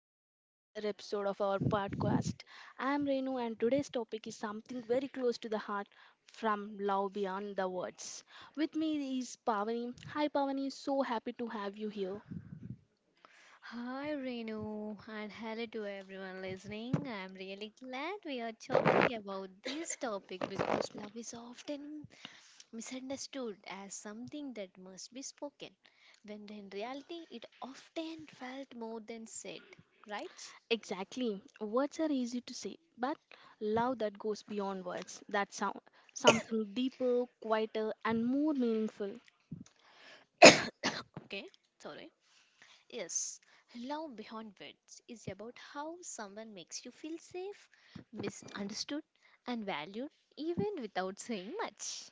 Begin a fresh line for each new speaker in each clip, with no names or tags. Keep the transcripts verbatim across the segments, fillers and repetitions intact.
welcome to another episode of our podcast. I am Renu and today's topic is something very close to the heart from love beyond the words. With me is Pavani. Hi Pavani, so happy to have you here.
Hi Renu and hello to everyone listening. I'm really glad we are talking about this topic because love is often misunderstood as something that must be spoken, when in reality it often felt more than said. Right?
Exactly. Words are easy to say, but love that goes beyond words. That's some- something deeper, quieter and more meaningful.
Okay, sorry. Yes, love beyond words is about how someone makes you feel safe, misunderstood, and valued even without saying much.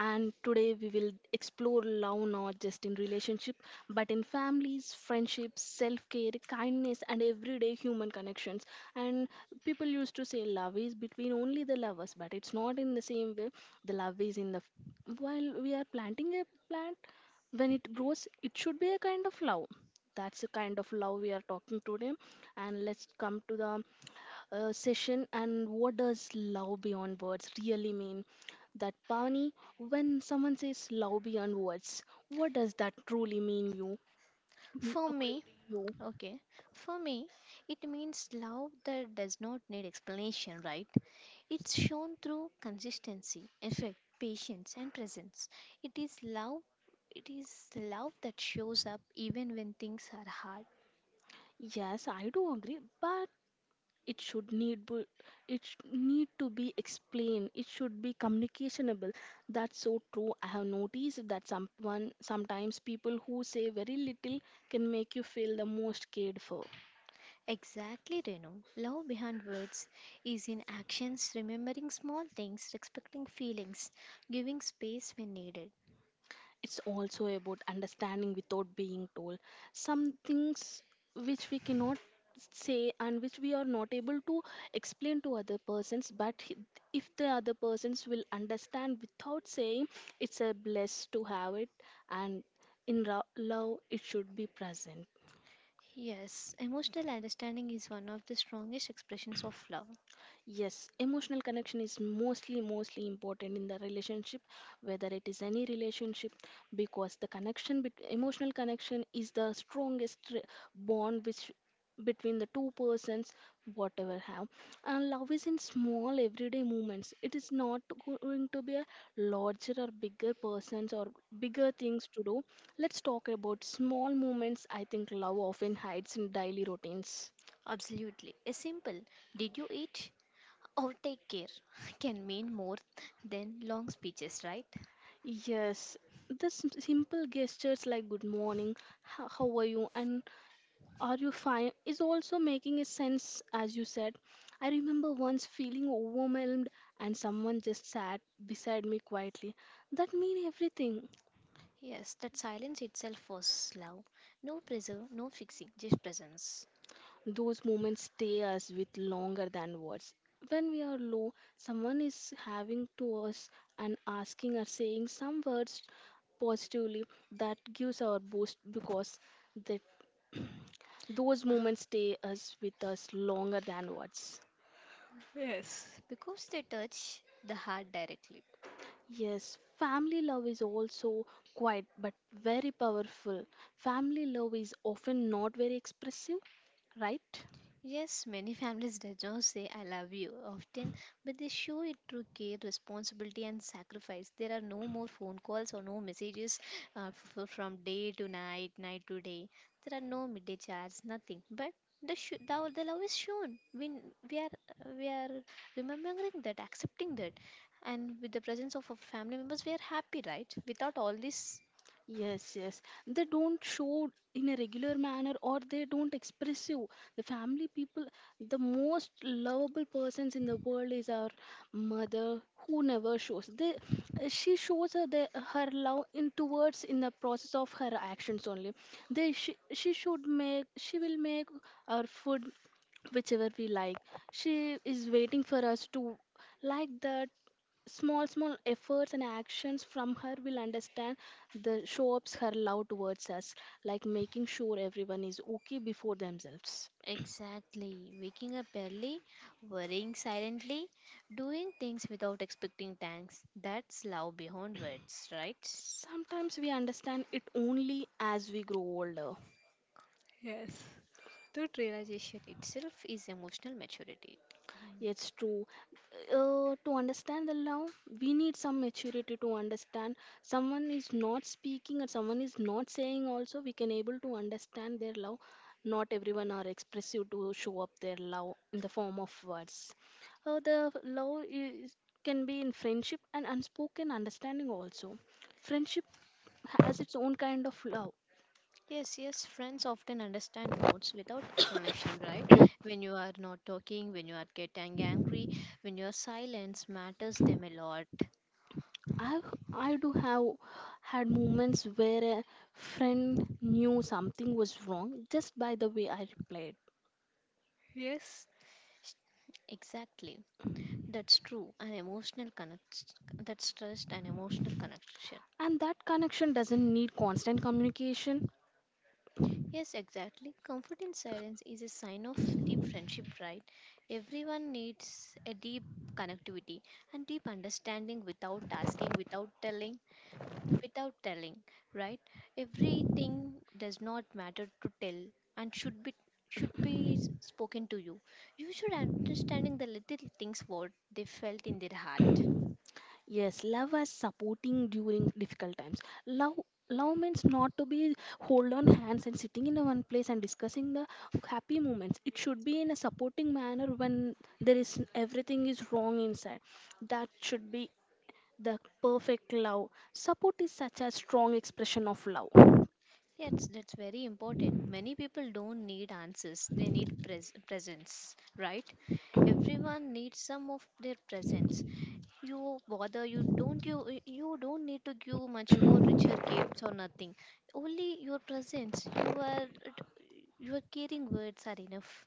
And today we will explore love not just in relationship but in families, friendships, self-care, kindness and everyday human connections. And people used to say love is between only the lovers but it's not in the same way. The love is in the while we are planting a plant, when it grows it should be a kind of love. That's the kind of love we are talking today, and let's come to the uh, session. And what does love beyond words really mean, that Pavani, when someone says love beyond words, what does that truly mean you?
For me,
You.
okay. For me, it means love that does not need explanation, right? It's shown through consistency, effect, patience, and presence. It is love. It is the love that shows up even when things are hard.
Yes, I do agree, but it should need bu- it sh- need to be explained. It should be communicationable. That's so true. I have noticed that someone sometimes people who say very little can make you feel the most cared for.
Exactly, Renu. Love behind words is in actions, remembering small things, respecting feelings, giving space when needed.
It's also about understanding without being told. Some things which we cannot say and which we are not able to explain to other persons, but h- if the other persons will understand without saying, it's a bless to have it, and in ro- love, it should be present.
Yes, emotional understanding is one of the strongest expressions of love.
Yes, emotional connection is mostly mostly important in the relationship, whether it is any relationship, because the connection bet- emotional connection is the strongest re- bond which between the two persons whatever have. And love is in small everyday moments. It is not going to be a larger or bigger persons or bigger things to do. Let's talk about small moments. I think love often hides in daily routines.
Absolutely. A simple did you eat or take care can mean more than long speeches, right?
Yes, the sim- simple gestures like good morning, h- how are you, and are you fine is also making a sense, as you said. I remember once feeling overwhelmed and someone just sat beside me quietly. That mean everything.
Yes, that silence itself was love. No pressure, no fixing, just presence.
Those moments stay us with longer than words. When we are low, someone is having to us and asking or saying some words positively, that gives our boost because they those moments stay us with us longer than words.
Yes, because they touch the heart directly.
Yes, family love is also quiet but very powerful. Family love is often not very expressive, right?
Yes, many families do not say I love you often, but they show it through care, responsibility, and sacrifice. There are no more phone calls or no messages uh, f- f- from day to night, night to day. There are no midday chats, nothing. But the, sh- the, o- the love is shown. We, n- we, are, we are remembering that, accepting that. And with the presence of our family members, we are happy, right? Without all this
Yes, yes. They don't show in a regular manner or they don't express you. The family people, the most lovable persons in the world is our mother who never shows. They, uh, she shows her, the, her love in towards in the process of her actions only. They, she, she should make, she will make our food whichever we like. She is waiting for us to like that. Small, small efforts and actions from her will understand the show ups her love towards us, like making sure everyone is okay before themselves.
exactly. Waking up early, worrying silently, doing things without expecting thanks. That's love beyond words, right?
Sometimes we understand it only as we grow older.
Yes. That realization itself is emotional maturity.
It's true. Uh, to understand the love, we need some maturity to understand. Someone is not speaking and someone is not saying also, we can able to understand their love. Not everyone are expressive to show up their love in the form of words. Uh, the love is, can be in friendship and unspoken understanding also. Friendship has its own kind of love.
Yes, yes, friends often understand moods without explanation, right? When you are not talking, when you are getting angry, when your silence matters them a lot.
I, I do have had moments where a friend knew something was wrong just by the way I replied.
Yes. Exactly. That's true. An emotional connect that's trust and emotional connection.
And that connection doesn't need constant communication.
Yes, exactly. Comfort in silence is a sign of deep friendship, right? Everyone needs a deep connectivity and deep understanding without asking, without telling, without telling, right? Everything does not matter to tell and should be should be s- spoken to you. You should understanding the little things what they felt in their heart.
Yes, love as supporting during difficult times. Love love means not to be hold on hands and sitting in one place and discussing the happy moments. It should be in a supporting manner when there is everything is wrong inside. That should be the perfect love. Support is such a strong expression of love.
Yes, that's very important. Many people don't need answers, they need pres- presence, right? Everyone needs some of their presence. You bother, you don't you you don't need to give much more richer gifts or nothing. Only your presence, your your caring words are enough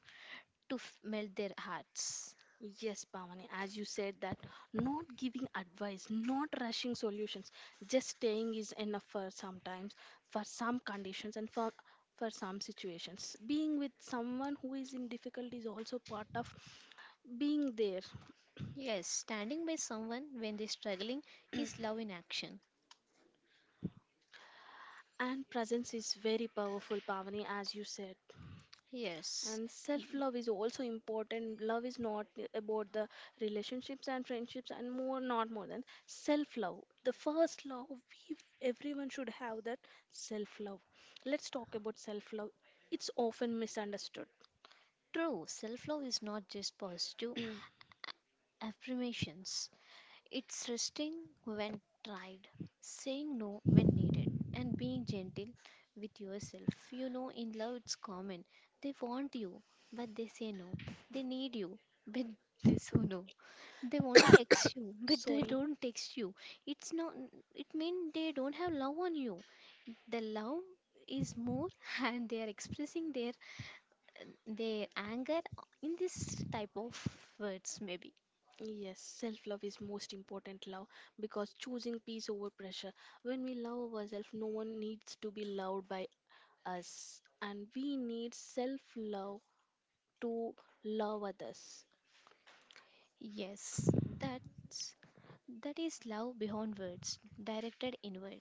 to f- melt their hearts.
Yes, Bhavani, as you said that not giving advice, not rushing solutions, just staying is enough for sometimes, for some conditions and for for some situations. Being with someone who is in difficulty is also part of being there.
Yes, standing by someone when they're struggling is love in action.
And presence is very powerful, Bhavani, as you said.
Yes,
And self love is also important. Love is not about the relationships and friendships, and more not more than self love, the first love we everyone should have that self love. Let's talk about self love, it's often misunderstood.
true. Self love is not just positive affirmations. It's resting when tried, saying no when needed, and being gentle with yourself. You know, in love, it's common. They want you, but they say no. They need you, but they say no. They want to text you, but they
Sorry.
don't text you. It's not, it means they don't have love on you. The love is more, and they are expressing their their anger in this type of words, maybe.
Yes, self love is most important love because choosing peace over pressure. When we love ourselves, no one needs to be loved by us, and we need self love to love others.
Yes, that that is love beyond words, directed inward.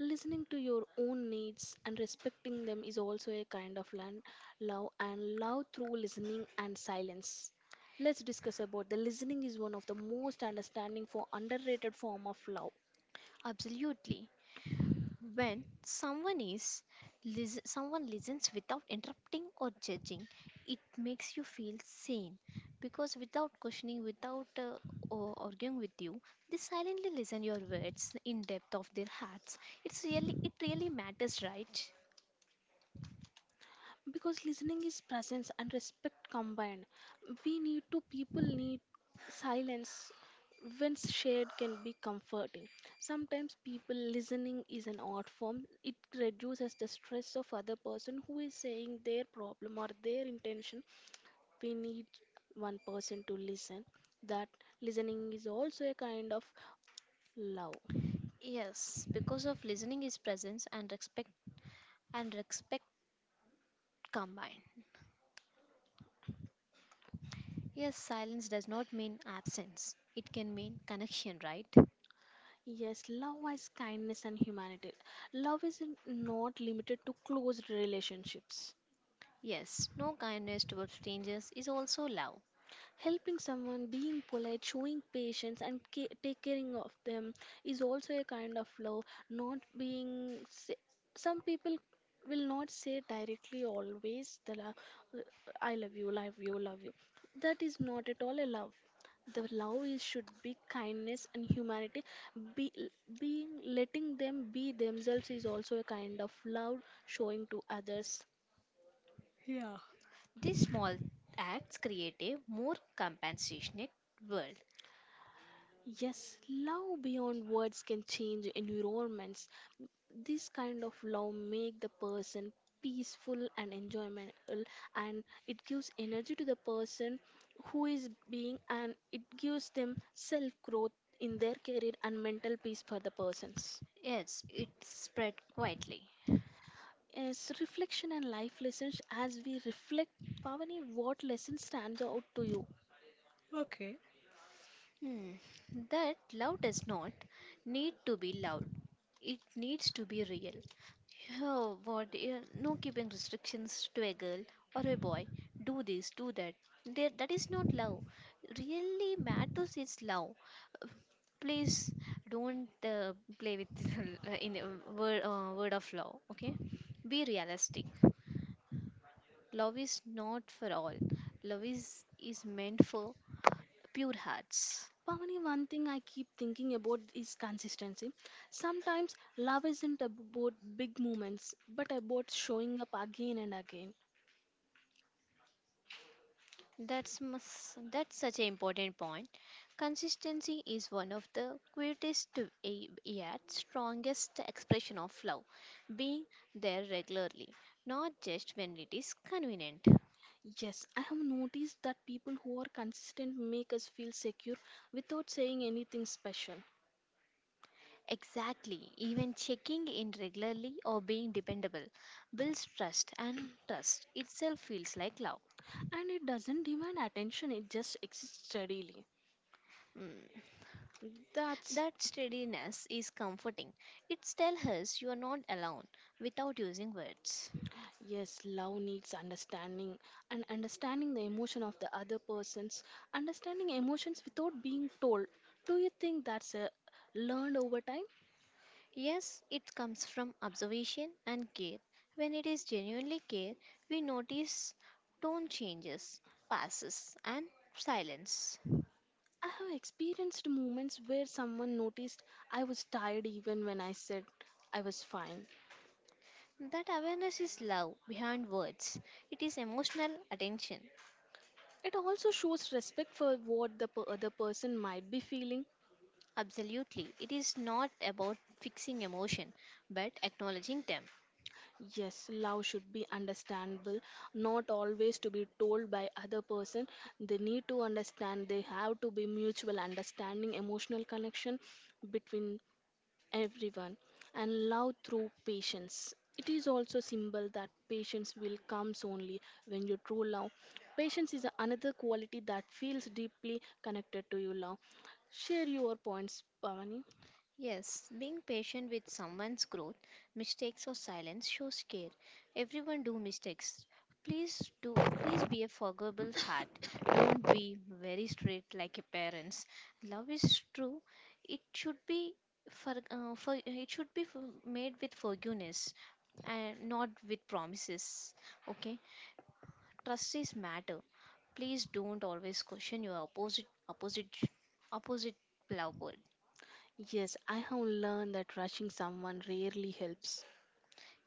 Listening to your own needs and respecting them is also a kind of lan- love, and love through listening and silence. Let's discuss about the listening is one of the most understanding for underrated form of love.
Absolutely. When someone is lis- someone listens without interrupting or judging, it makes you feel sane because without questioning, without uh, or arguing with you, they silently listen your words in depth of their hearts. It's really it really matters, right?
Because listening is presence and respect combined, we need to people need silence when shared can be comforting. Sometimes people listening is an art form. It reduces the stress of other person who is saying their problem or their intention. We need one person to listen, that listening is also a kind of love.
Yes, because of listening is presence and respect and respect combined. Yes, silence does not mean absence. It can mean connection, right?
Yes, love is kindness and humanity. Love is not limited to close relationships.
Yes, no kindness towards strangers is also love.
Helping someone, being polite, showing patience, and ca- taking of them is also a kind of love. Not being, sa- Some people will not say directly always the love, I love you, love you, love you. That is not at all a love. The love is should be kindness and humanity. Be Being letting them be themselves is also a kind of love showing to others.
Yeah. These small acts create a more compassionate world.
Yes, love beyond words can change environments. This kind of love make the person peaceful and enjoyable, and it gives energy to the person who is being, and it gives them self growth in their career and mental peace for the persons.
Yes, it spread quietly.
Yes, reflection and life lessons. As we reflect, Pavani, what lesson stands out to you?
Okay. Hmm. That love does not need to be loud. It needs to be real. Oh, what? Yeah, no keeping restrictions to a girl or a boy. Do this, do that. There, that is not love. Really matters is love. Please don't uh, play with in a word, uh, word of love. Okay, be realistic. Love is not for all. Love is is meant for pure hearts.
Pavani, one thing I keep thinking about is consistency. Sometimes love isn't about big moments, but about showing up again and again.
That's mus- that's such an important point. Consistency is one of the greatest eh, yet strongest expression of love, being there regularly, not just when it is convenient.
Yes, I have noticed that people who are consistent make us feel secure without saying anything special.
Exactly, even checking in regularly or being dependable builds trust, and trust itself feels like love.
And it doesn't demand attention, it just exists steadily.
Mm.
That's
That steadiness is comforting. It tells us you are not alone without using words.
yes, love needs understanding, and understanding the emotion of the other persons, understanding emotions without being told. Do you think that's a learned over time?
Yes, it comes from observation and care. When it is genuinely care, we notice tone changes, passes, and silence.
I have experienced moments where someone noticed I was tired even when I said I was fine.
That awareness is love behind words. It is emotional attention.
It also shows respect for what the per- other person might be feeling.
Absolutely. It is not about fixing emotion, but acknowledging them.
Yes, love should be understandable, not always to be told by other person. They need to understand. They have to be mutual understanding, emotional connection between everyone, and love through patience. It is also symbol that patience will comes only when you true love. Patience is another quality that feels deeply connected to your love. Share your points, Pavani.
Yes, being patient with someone's growth, mistakes or silence shows care. Everyone do mistakes. Please do please be a forgivable heart. Don't be very straight like your parents. Love is true. It should be for, uh, for it should be f- made with forgiveness and not with promises. Okay? Trust is matter. Please don't always question your opposite opposite opposite lover.
Yes, I have learned that rushing someone rarely helps.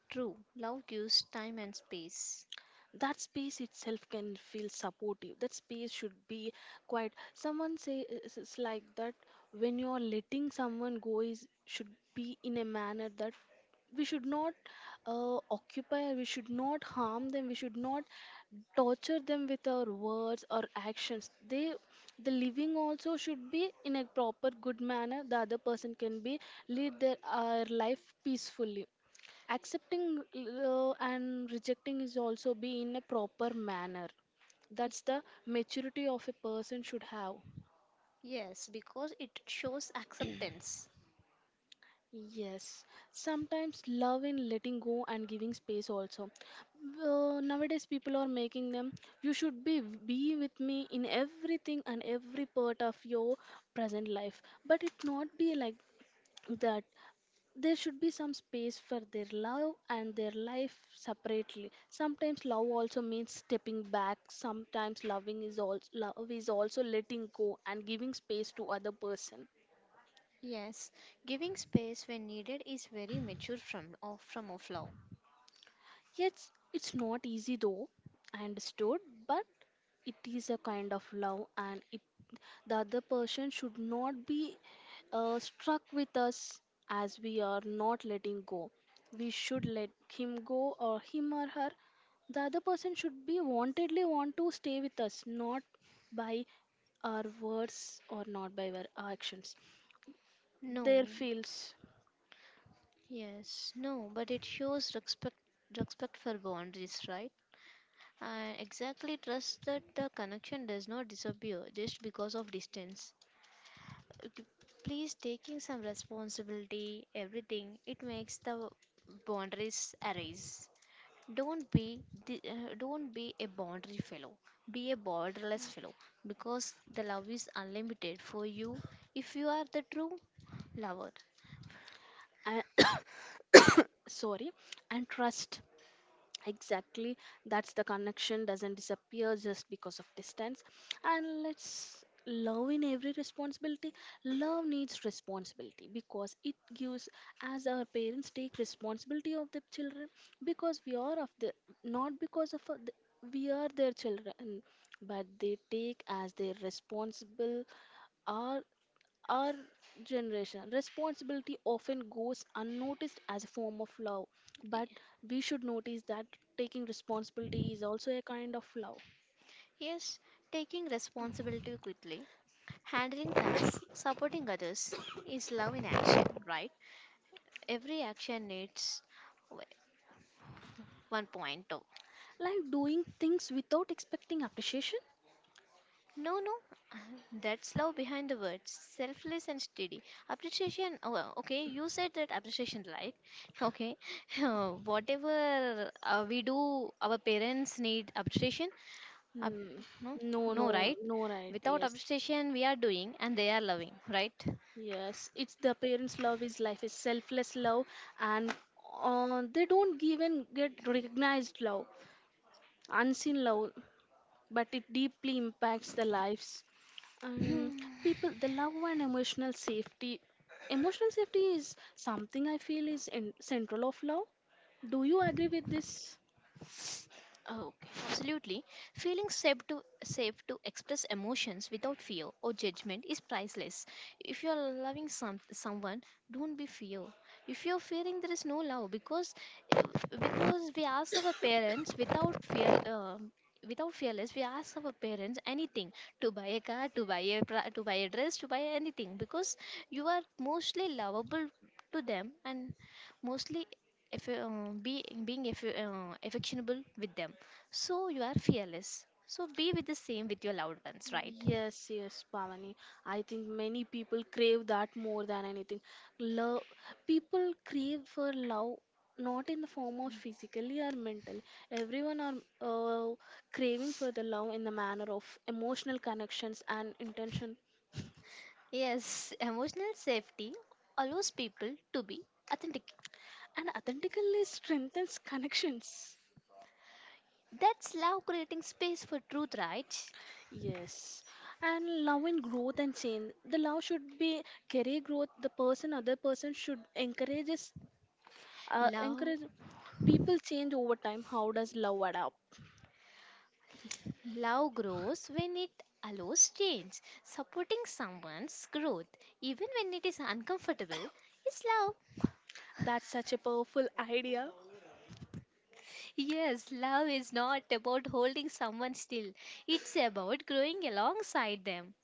True, love gives time and space.
That space itself can feel supportive. That space should be quiet. Someone say is- is like that, when you are letting someone go is should be in a manner that we should not uh, occupy. We should not harm them. We should not torture them with our words or actions. They the living also should be in a proper good manner. The other person can be lead their our life peacefully accepting uh, and rejecting is also be in a proper manner. That's the maturity of a person should have.
Yes, because it shows acceptance.
Yes, sometimes love in letting go and giving space also. Uh, nowadays people are making them, you should be be with me in everything and every part of your present life, but it not be like that. There should be some space for their love and their life separately. Sometimes love also means stepping back. Sometimes loving is also love is also letting go and giving space to other person.
Yes, giving space when needed is very mature from of from of love.
Yes, it's not easy though, I understood, but it is a kind of love, and it the other person should not be uh, struck with us as we are not letting go. We should let him go or him or her. The other person should be wantedly want to stay with us, not by our words or not by our actions.
No.
Their feels,
Yes, no, but it shows respect respect for boundaries, right? And exactly trust that the connection does not disappear just because of distance. Uh, p- Please taking some responsibility, everything, it makes the boundaries arise. Don't be the, uh, don't be a boundary fellow. Be a borderless fellow because the love is unlimited for you if you are the true lover.
uh, sorry, and trust exactly, that's the connection doesn't disappear just because of distance. And let's love in every responsibility. Love needs responsibility because it gives, as our parents take responsibility of the children because we are of the not because of uh, the, we are their children, but they take as their responsible are our generation. Responsibility often goes unnoticed as a form of love, but we should notice that taking responsibility is also a kind of love.
Yes, taking responsibility quickly, handling tasks, supporting others is love in action, right? Every action needs w- one point of
Like doing things without expecting appreciation?
no, no, that's love behind the words. Selfless and steady. Appreciation. Oh, well, okay, you said that appreciation, right? Okay, whatever uh, we do, our parents need appreciation. Ap-
Hmm.
no,
No,
no,
no,
right?
no, right,
Without
yes.
appreciation, we are doing and they are loving, right?
Yes, it's the parents' love is life is selfless love, and uh, they don't even get recognized love, unseen love, but it deeply impacts the lives. And people, the love and emotional safety. Emotional safety is something I feel is in, central of love. Do you agree with this?
Oh, okay. Absolutely. Feeling safe to safe to express emotions without fear or judgment is priceless. If you are loving some someone, don't be fear. If you are fearing, there is no love because uh, because we ask our parents without fear. Um, without fearless we ask our parents anything to buy a car to buy a pra- to buy a dress to buy anything because you are mostly lovable to them and mostly if uh, be being aff- uh, affectionable with them so you are fearless so be with the same with your loved ones, right?
Yes, yes, Bhavani. I think many people crave that more than anything. Love, people crave for love, not in the form of physically or mentally. Everyone are uh, craving for the love in the manner of emotional connections and intention.
Yes, emotional safety allows people to be authentic.
And authentically strengthens connections.
That's love creating space for truth, right?
Yes, and love in growth and change. The love should be career growth. The person, other person should encourages, uh,
love
encourage people change over time. How does love adapt?
Love grows when it allows change. Supporting someone's growth even when it is uncomfortable is love.
That's such a powerful idea
Yes, love is not about holding someone still. It's about growing alongside them.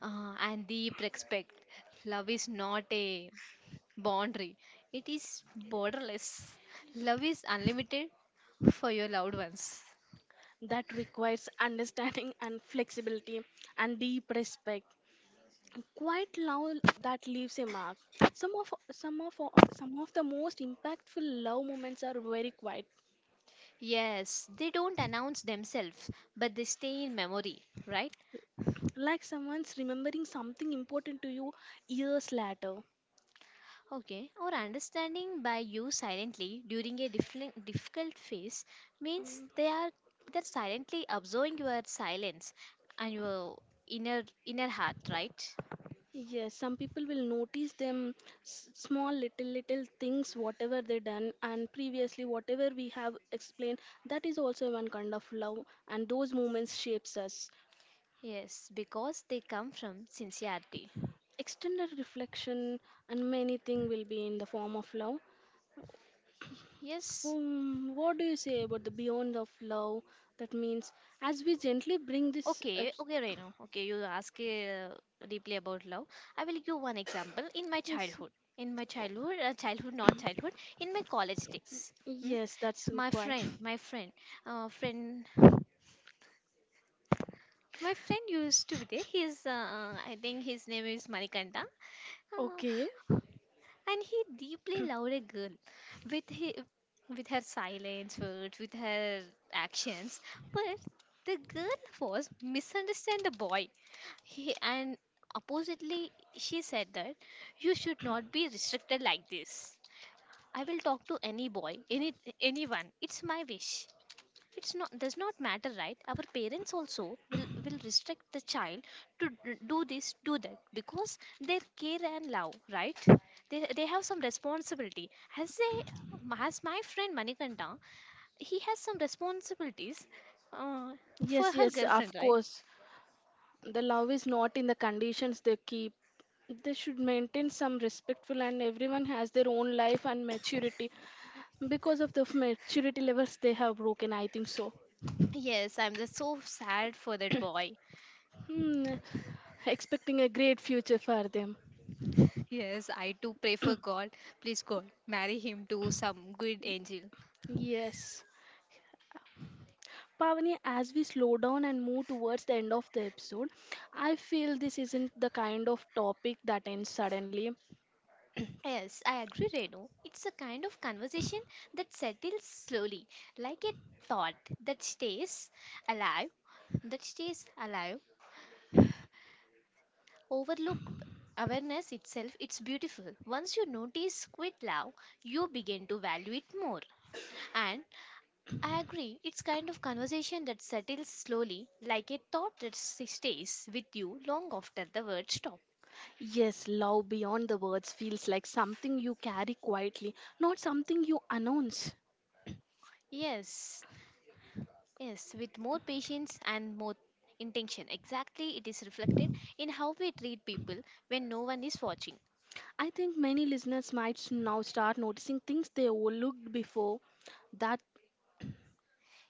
Uh, and deep respect. Love is not a boundary, it is borderless. Love is unlimited for your loved ones.
that requires understanding and flexibility and deep respect. Quite love that leaves a mark. Some of some of some of the most impactful love moments are very quiet,
Yes, they don't announce themselves, but they stay in memory, right?
like someone's remembering something important to you years later.
Okay, or understanding by you silently during a different difficult phase means
Mm.
they are they're silently observing your silence and your inner inner heart, right?
Yes, some people will notice them s- small little little things whatever they done and previously whatever we have explained, that is also one kind of love, and those moments shapes us.
Yes, because they come from sincerity.
Extended reflection and many things will be in the form of love.
Yes.
Um, what do you say about the beyond of love? That means, as we gently bring this up.
Okay, okay, Reno. Okay, you ask uh, deeply about love. I will give one example in my
Yes,
childhood. In my childhood, uh, childhood, not childhood, in my college days. Hmm?
yes, that's
My
quite.
friend, my friend, uh, friend My friend used to be there. He's, uh, uh, I think his name is Manikanta.
Okay.
Uh, and he deeply loved a girl with he, with her silence words with her actions, but the girl was misunderstand the boy he, and oppositely she said that you should not be restricted like this. I will talk to any boy, any anyone. It's my wish. It's not does not matter, right? Our parents also will will restrict the child to d- do this, do that because their care and love, right? They, they have some responsibility as they, as my friend Manikanta, he has some responsibilities uh, for
Yes,
her
yes, of
girlfriend, right?
course. The love is not in the conditions they keep. They should maintain some respectful, and everyone has their own life and maturity. Because of the f- maturity levels they have broken, I think so.
Yes, I'm just so sad for that boy.
Hmm, expecting a great future for them.
Yes, I too pray for God. Please, God, marry him to some good angel.
Yes. Pavani, as we slow down and move towards the end of the episode, I feel this isn't the kind of topic that ends suddenly.
Yes, I agree, Renu. It's a kind of conversation that settles slowly, like a thought that stays alive, that stays alive. Overlook awareness itself, it's beautiful. Once you notice quit love, you begin to value it more. And I agree, it's kind of conversation that settles slowly, like a thought that s- stays with you long after the words stop.
Yes, love beyond the words feels like something you carry quietly, not something you announce.
Yes. Yes, with more patience and more intention. Exactly, it is reflected in how we treat people when no one is watching.
I think many listeners might s- now start noticing things they overlooked before, that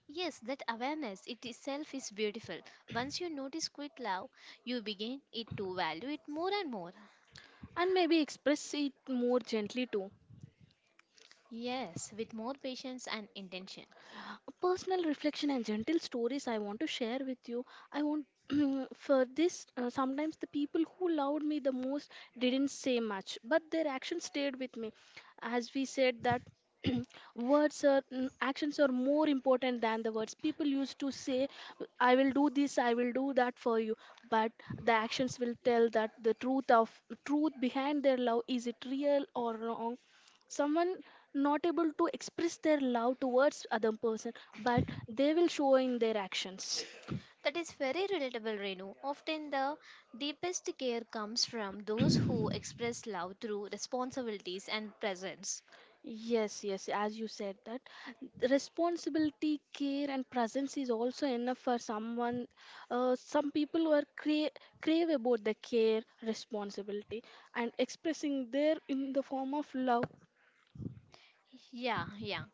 Yes, that awareness it itself is beautiful. Once you notice quit love, you begin it to value it more and more.
and maybe express it more gently too.
Yes, with more patience and intention.
A personal reflection and gentle stories I want to share with you. I want for this uh, sometimes the people who loved me the most didn't say much, but their actions stayed with me. As we said that words are mm, actions are more important than the words. People used to say, "I will do this, I will do that for you," but the actions will tell that the truth of truth behind their love is it real or wrong. Someone not able to express their love towards other person, but they will show in their actions.
That is very relatable, Renu. Often the deepest care comes from those who express love through responsibilities and presence.
Yes, yes, as you said that responsibility care and presence is also enough for someone. Uh, some people who are cra- crave about the care responsibility and expressing there in the form of love,
Yeah, yeah.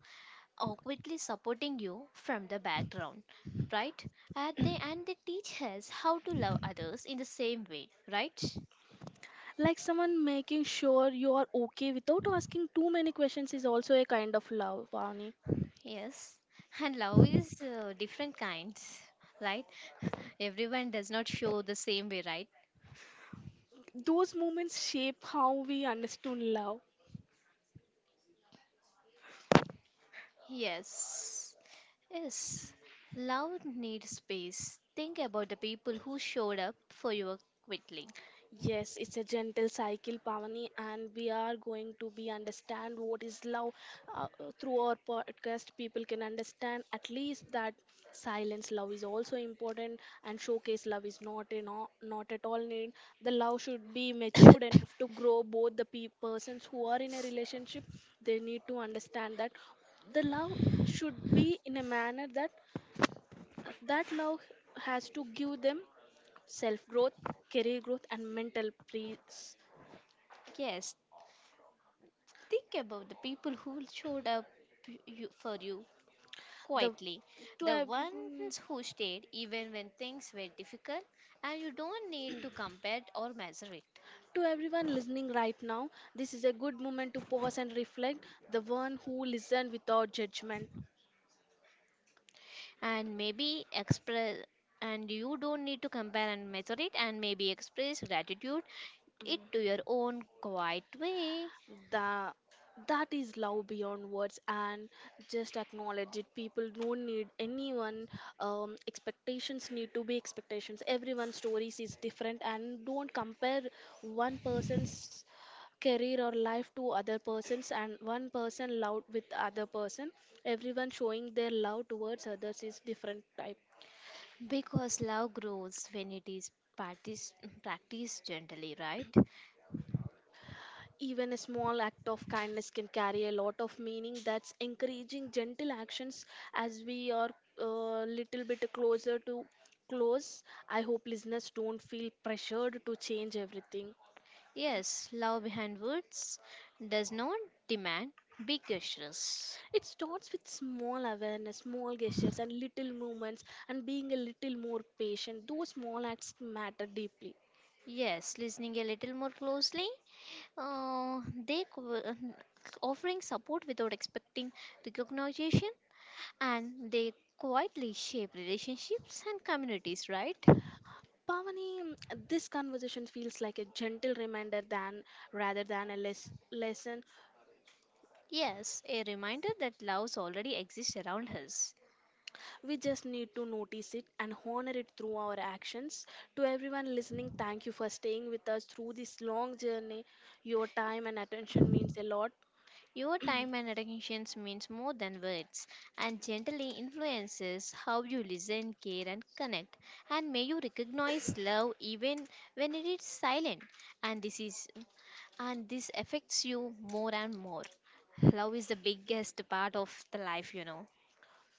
Awkwardly supporting you from the background, right? And they and they teach us how to love others in the same way, right?
like someone making sure you are okay without asking too many questions is also a kind of love, Vani.
Yes, and love is uh, different kinds, right? Everyone does not show the same way, right?
Those moments shape how we understood love.
Yes, yes. Love needs space. Think about the people who showed up for you quickly.
Yes, it's a gentle cycle, Pavani, and we are going to be understand what is love uh, uh, through our podcast. People can understand at least that silence love is also important, and showcase love is not in all, not at all need. The love should be matured enough to grow. Both the pe- persons who are in a relationship, they need to understand that the love should be in a manner that uh, that love has to give them self growth, career growth, and mental peace.
Yes, think about the people who showed up you, for you
The
quietly.
to
The
have, mm,
ones who stayed even when things were difficult, and you don't need to compare or measure it.
to everyone listening right now, this is a good moment to pause and reflect. The one who listened without judgment.
And maybe express, and you don't need to compare and measure it, and maybe express gratitude it to
Mm.
your own quiet way.
That that is love beyond words, and just acknowledge it. People don't need anyone, um, expectations need to be expectations. Everyone's stories is different, and don't compare one person's career or life to other persons, and one person love with other person. Everyone showing their love towards others is different type.
Because love grows when it is practiced, practiced gently, right?
Even a small act of kindness can carry a lot of meaning. That's encouraging gentle actions as we are a little bit closer to close. I hope listeners don't feel pressured to change everything.
Yes, love behind words does not demand big gestures.
It starts with small awareness, small gestures, and little movements, and being a little more patient. Those small acts matter deeply.
Yes, listening a little more closely. Uh, they co- Offering support without expecting recognition, and they quietly shape relationships and communities, right?
Pavani, this conversation feels like a gentle reminder than rather than a les- lesson.
Yes, a reminder that love already exists around us.
We just need to notice it and honor it through our actions. To everyone listening, thank you for staying with us through this long journey. Your time and attention means a lot.
Your time and attention means more than words and gently influences how you listen, care, and connect, and may you recognize love even when it is silent. and this is And this affects you more and more. Love is the biggest part of the life, you know.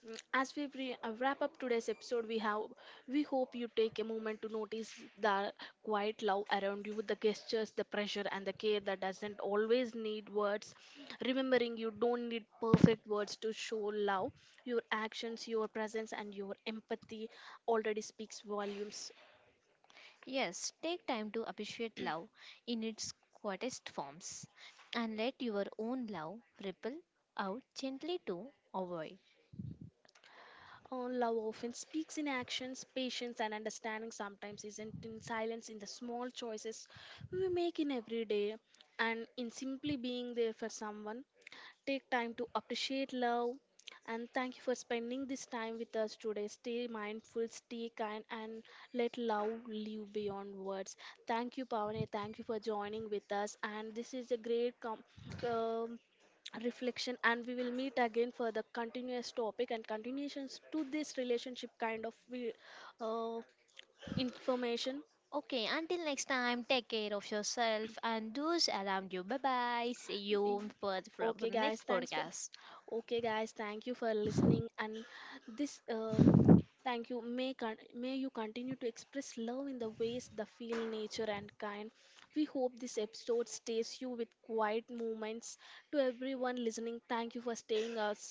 Mm, as we re- uh, wrap up today's episode, we have we hope you take a moment to notice the quiet love around you, the gestures, the pressure, and the care that doesn't always need words. Remembering you don't need perfect words to show love. Your actions, your presence, and your empathy already speaks volumes.
Yes, take time to appreciate love in its quietest forms and let your own love ripple out gently to avoid.
Uh, love often speaks in actions, patience, and understanding sometimes isn't in silence in the small choices we make in every day and in simply being there for someone. Take time to appreciate love. And thank you for spending this time with us today. Stay mindful, stay kind, and let love live beyond words. Thank you, Pavane. Thank you for joining with us. And this is a great com- um, reflection, and we will meet again for the continuous topic and continuations to this relationship kind of we- uh, information.
Okay, until next time, take care of yourself and those around you. Bye bye. See
Y-
you for, for the
Okay, guys,
next
thanks for.
podcast.
Okay, guys, thank you for listening. And this, um, thank you. May con- may you continue to express love in the ways that feel nature and kind. We hope this episode stays you with quiet moments. To everyone listening, thank you for staying us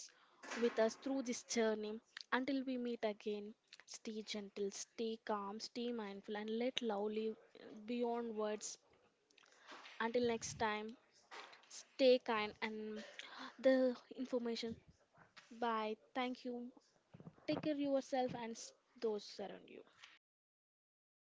with us through this journey. Until we meet again, stay gentle, stay calm, stay mindful, and let love live beyond words. Until next time, stay kind and the information. Bye. Thank you. Take care of yourself and s- those around you.